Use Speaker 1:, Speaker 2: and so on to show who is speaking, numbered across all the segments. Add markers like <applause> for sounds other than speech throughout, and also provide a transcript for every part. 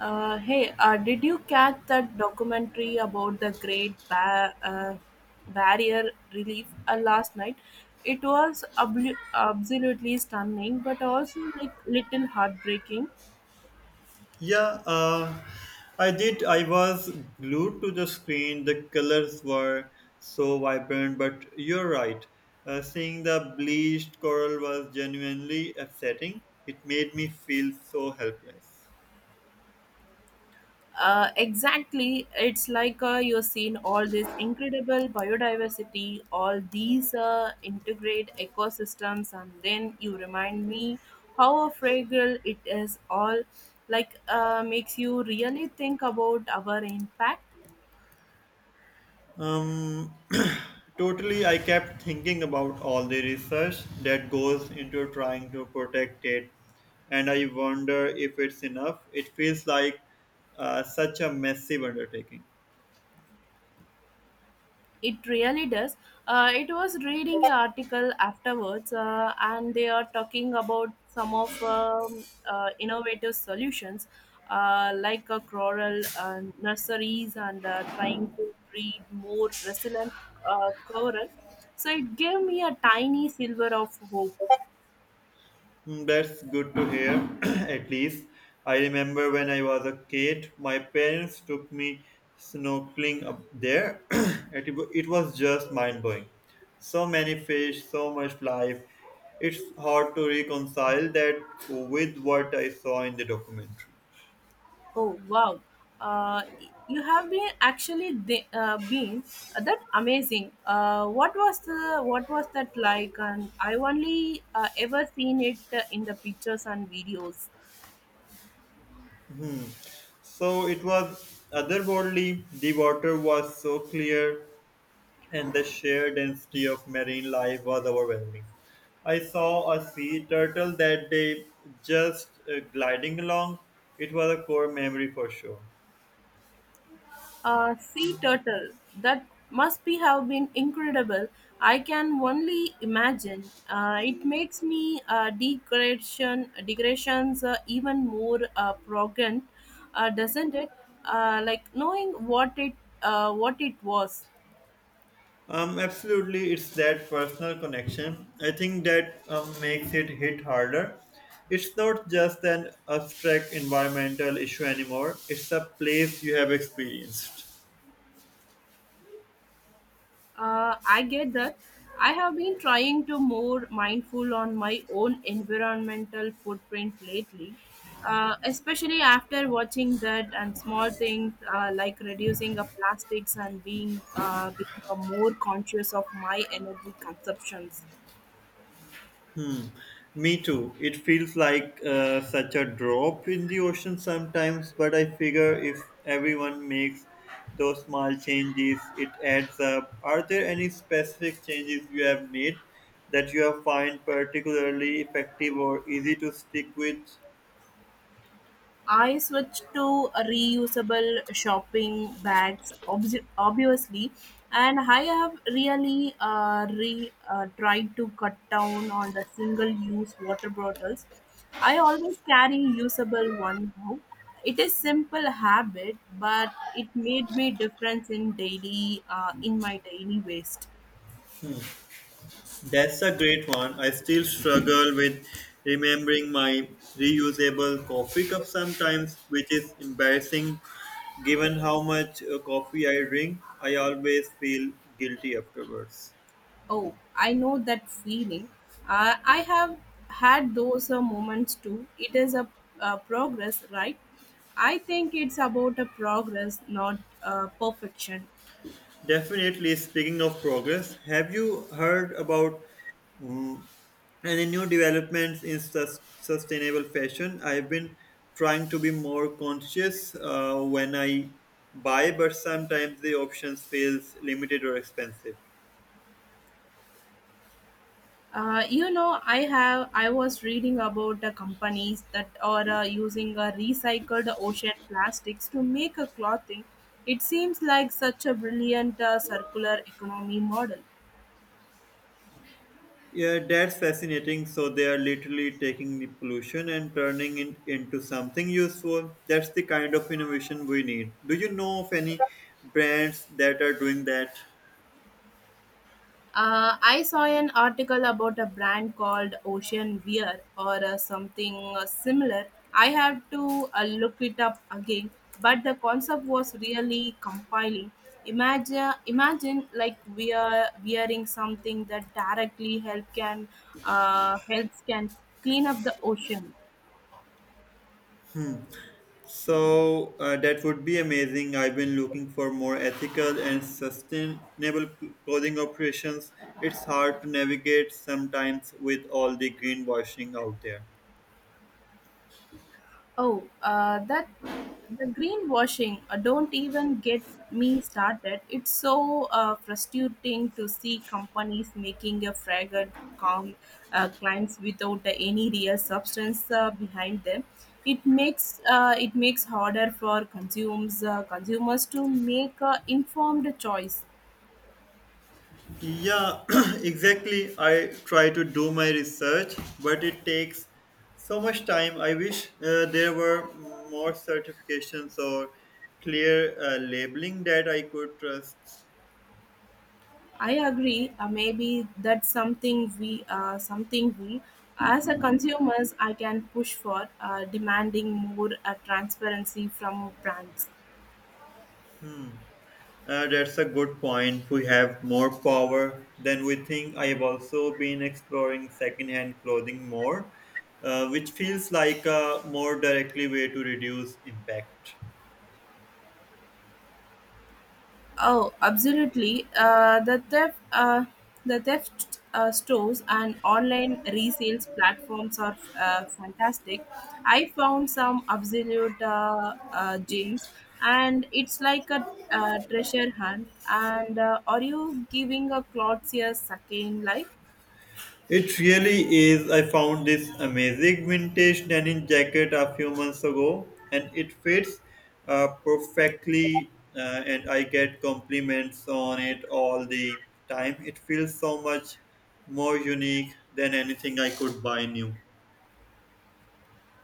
Speaker 1: Hey, did you catch that documentary about the Barrier Relief last night? It was absolutely stunning, but also like little heartbreaking.
Speaker 2: Yeah, I did. I was glued to the screen. The colors were so vibrant, but you're right. Seeing the bleached coral was genuinely upsetting. It made me feel so helpless.
Speaker 1: Exactly. It's like you are seeing all this incredible biodiversity, all these integrate ecosystems, and then you remind me how fragile it is all. Makes you really think about our impact.
Speaker 2: Um, <clears throat> totally, I kept thinking about all the research that goes into trying to protect it, and I wonder if it's enough. It feels like such a massive undertaking.
Speaker 1: It really does. It was reading an article afterwards, and they are talking about some of innovative solutions, like a coral nurseries and trying to breed more resilient coral. So it gave me a tiny silver of hope.
Speaker 2: Mm, that's good to hear, <clears throat> at least. I remember when I was a kid, my parents took me snorkeling up there. <clears throat> It was just mind blowing. So many fish, so much life. It's hard to reconcile that with what I saw in the documentary.
Speaker 1: Oh, wow! Uh, you have been actually the, been that amazing. What was that like? And I only ever seen it in the pictures and videos.
Speaker 2: So it was otherworldly. The water was so clear, and the sheer density of marine life was overwhelming. I saw a sea turtle that day just gliding along. It was a core memory for sure.
Speaker 1: Sea turtle, that must be have been incredible. I can only imagine. It makes me decorations even more progant, doesn't it? Like knowing what it was.
Speaker 2: Absolutely, it's that personal connection. I think that makes it hit harder. It's not just an abstract environmental issue anymore, it's a place you have experienced.
Speaker 1: I get that. I have been trying to more mindful on my own environmental footprint lately, especially after watching that and small things like reducing the plastics and being a more conscious of my energy consumptions.
Speaker 2: Me too. It feels like such a drop in the ocean sometimes, but I figure if everyone makes those small changes, it adds up. Are there any specific changes you have made that you have find particularly effective or easy to stick with?
Speaker 1: I switched to reusable shopping bags, obviously, and I have really tried to cut down on the single-use water bottles. I always carry usable one now. It is simple habit, but it made me difference in my daily waste.
Speaker 2: That's a great one. I still struggle with remembering my reusable coffee cup sometimes, which is embarrassing given how much coffee I drink. I always feel guilty afterwards.
Speaker 1: Oh, I know that feeling. I have had those moments too. It is a progress, right? I think it's about a progress, not perfection.
Speaker 2: Definitely, speaking of progress, have you heard about mm, any new developments in sustainable fashion? I've been trying to be more conscious when I buy, but sometimes the options feels limited or expensive.
Speaker 1: You know, I was reading about companies that are using recycled ocean plastics to make a clothing. It seems like such a brilliant circular economy model.
Speaker 2: Yeah, that's fascinating. So they are literally taking the pollution and turning it into something useful. That's the kind of innovation we need. Do you know of any brands that are doing that?
Speaker 1: I saw an article about a brand called Ocean Wear or something similar. I have to look it up again, but the concept was really compelling. Imagine, imagine like we are wearing something that directly helps can clean up the ocean.
Speaker 2: So that would be amazing. I've been looking for more ethical and sustainable clothing operations. It's hard to navigate sometimes with all the greenwashing out there.
Speaker 1: Oh, that the greenwashing. Don't even get me started. It's so frustrating to see companies making a fragrant com- claims without any real substance behind them. It makes harder for consumers to make an informed choice.
Speaker 2: Yeah, <clears throat> exactly. I try to do my research, but it takes so much time. I wish there were more certifications or clear labeling that I could trust.
Speaker 1: I agree. Maybe that's something we, as a consumers, I can push for, demanding more transparency from brands.
Speaker 2: That's a good point. We have more power than we think. I have also been exploring secondhand clothing more, which feels like a more directly way to reduce impact.
Speaker 1: Oh, absolutely. The theft stores and online resales platforms are fantastic. I found some absolute gems, and it's like a treasure hunt. And are you giving a clothes a second life?
Speaker 2: It really is. I found this amazing vintage denim jacket a few months ago, and it fits perfectly. And I get compliments on it all the time. It feels so much more unique than anything I could buy new.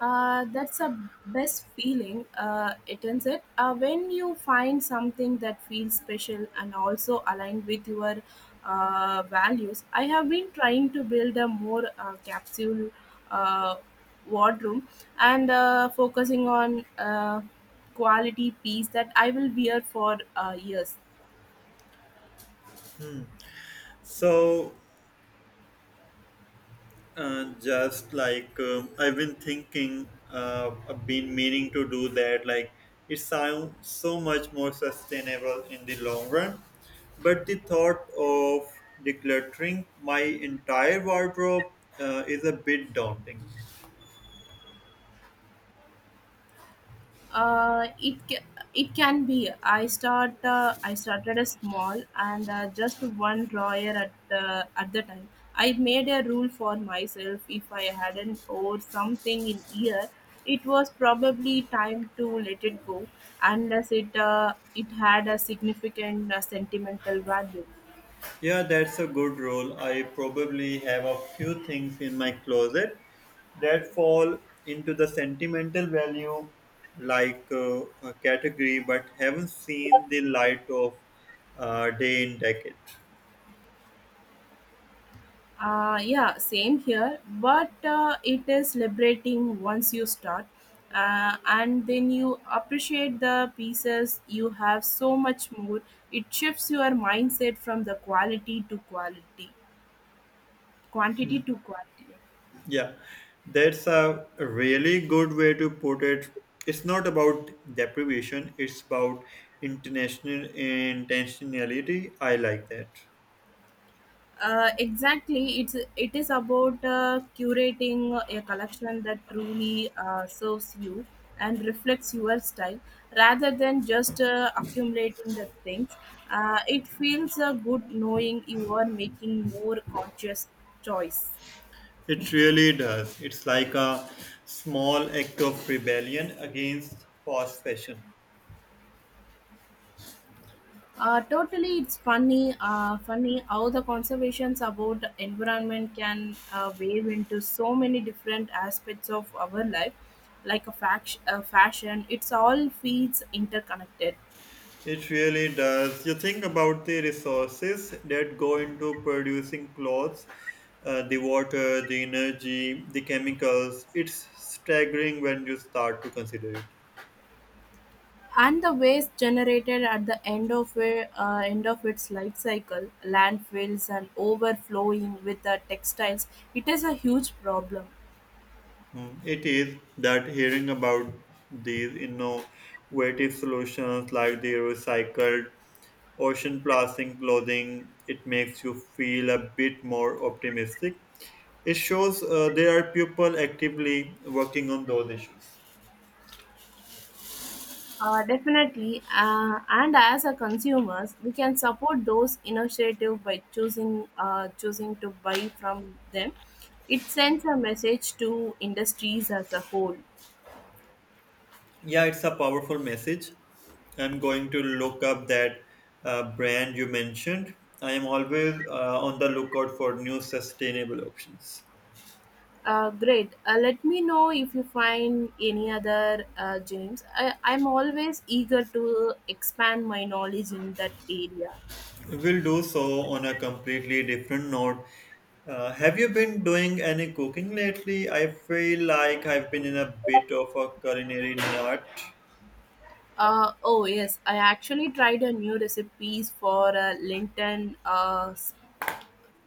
Speaker 1: That's a best feeling. It ends it when you find something that feels special and also aligned with your values. I have been trying to build a more capsule uh, wardrobe and focusing on quality piece that I will wear for years.
Speaker 2: So, just like I've been thinking, I've been meaning to do that. Like, it sounds so much more sustainable in the long run. But the thought of decluttering my entire wardrobe is a bit daunting.
Speaker 1: uh, it ca- it can be. I started a small and just one drawer at the time. I made a rule for myself, if I hadn't or something in year, it was probably time to let it go, unless it it had a significant sentimental value.
Speaker 2: Yeah, that's a good rule. I probably have a few things in my closet that fall into the sentimental value like a category but haven't seen the light of day in decade.
Speaker 1: Yeah, same here. But it is liberating once you start, and then you appreciate the pieces. You have so much more. It shifts your mindset from the quantity to quality.
Speaker 2: Yeah, that's a really good way to put it. It's not about deprivation, it's about international intentionality. I like that.
Speaker 1: Exactly, it is about curating a collection that truly serves you and reflects your style, rather than just accumulating the things. It feels good knowing you are making more conscious choice.
Speaker 2: It really does. It's like a small act of rebellion against fast fashion.
Speaker 1: Totally, it's funny how the conservations about the environment can wave into so many different aspects of our life, like a, fact, a fashion. It's all feeds interconnected,
Speaker 2: It really does. You think about the resources that go into producing clothes, the water, the energy, the chemicals. It's staggering when you start to consider it.
Speaker 1: and the waste generated at the end of it, end of its life cycle, landfills and overflowing with the textiles. It is a huge problem.
Speaker 2: Hmm, it is that hearing about these innovative solutions like the recycled ocean plastic clothing, it makes you feel a bit more optimistic. It shows there are people actively working on those issues.
Speaker 1: Definitely, and as a consumers, we can support those initiatives by choosing to buy from them. It sends a message to industries as a whole.
Speaker 2: Yeah, it's a powerful message. I'm going to look up that brand you mentioned. I am always on the lookout for new sustainable options.
Speaker 1: Great. Let me know if you find any other gems. I'm always eager to expand my knowledge in that area.
Speaker 2: We'll do so on a completely different note. Have you been doing any cooking lately? I feel like I've been in a bit of a culinary nut.
Speaker 1: Oh yes, I actually tried a new recipes for Linton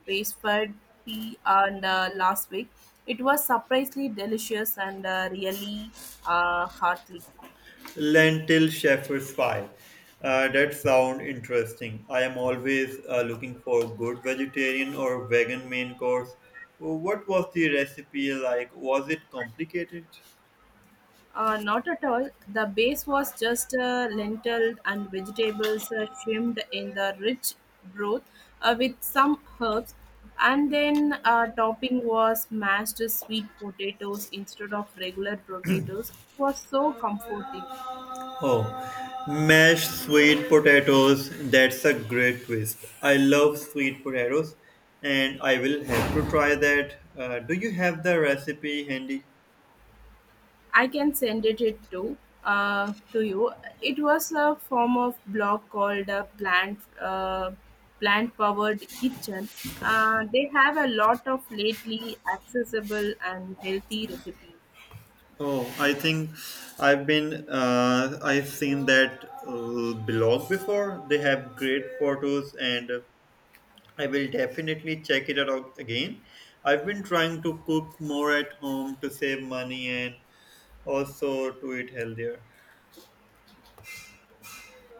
Speaker 1: Racefield P and last week. It was surprisingly delicious and really hearty.
Speaker 2: Lentil shepherd's pie. That sounds interesting. I am always looking for good vegetarian or vegan main course. What was the recipe like? Was it complicated?
Speaker 1: Not at all. The base was just lentils and vegetables shrimmed in the rich broth with some herbs, and then topping was mashed sweet potatoes instead of regular potatoes. It was so comforting.
Speaker 2: Oh, mashed sweet potatoes. That's a great twist. I love sweet potatoes and I will have to try that. Do you have the recipe handy?
Speaker 1: I can send it to you. It was a form of blog called a plant powered kitchen. They have a lot of lately accessible and healthy recipes.
Speaker 2: Oh, I think I've seen that blog before. They have great photos and I will definitely check it out again. I've been trying to cook more at home to save money and also to eat healthier.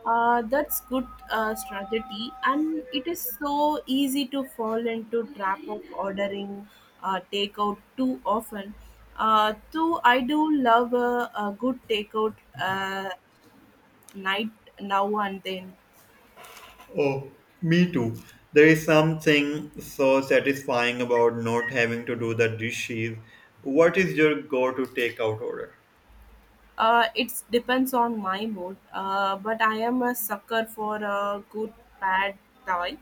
Speaker 1: That's good strategy, and it is so easy to fall into trap of ordering takeout too often. Though I do love a good takeout night now and then.
Speaker 2: Oh, me too. There is something so satisfying about not having to do the dishes. What is your go to takeout order?
Speaker 1: It depends on my mood, but I am a sucker for a good pad thai.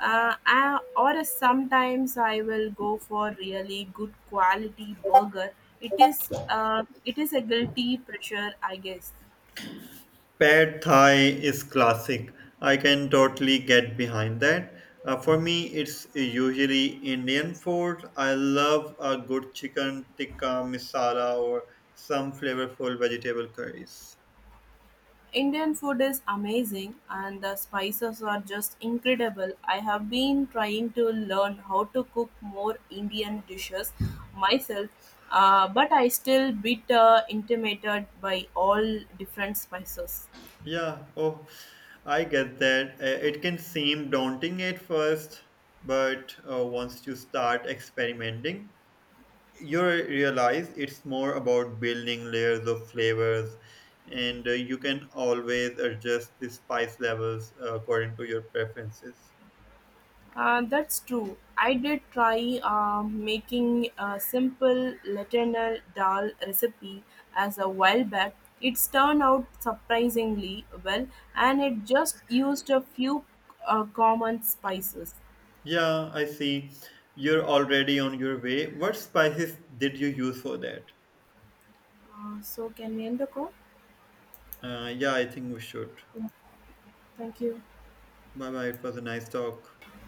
Speaker 1: Or sometimes I will go for really good quality burger. It is a guilty pressure, I guess.
Speaker 2: Pad Thai is classic. I can totally get behind that. For me, it's usually Indian food. I love a good chicken tikka masala or some flavorful vegetable curries.
Speaker 1: Indian food is amazing and the spices are just incredible. I have been trying to learn how to cook more Indian dishes myself, but I still bit intimidated by all different spices.
Speaker 2: Yeah, oh, I get that. It can seem daunting at first, but once you start experimenting, you realize it's more about building layers of flavors, and you can always adjust the spice levels according to your preferences.
Speaker 1: That's true. I did try making a simple lentil dal recipe as a while back. It's turned out surprisingly well, and it just used a few common spices.
Speaker 2: Yeah, I see. You're already on your way. What spices did you use for that?
Speaker 1: So, can we end the call?
Speaker 2: Yeah, I think we should.
Speaker 1: Thank you.
Speaker 2: Bye bye. It was a nice talk.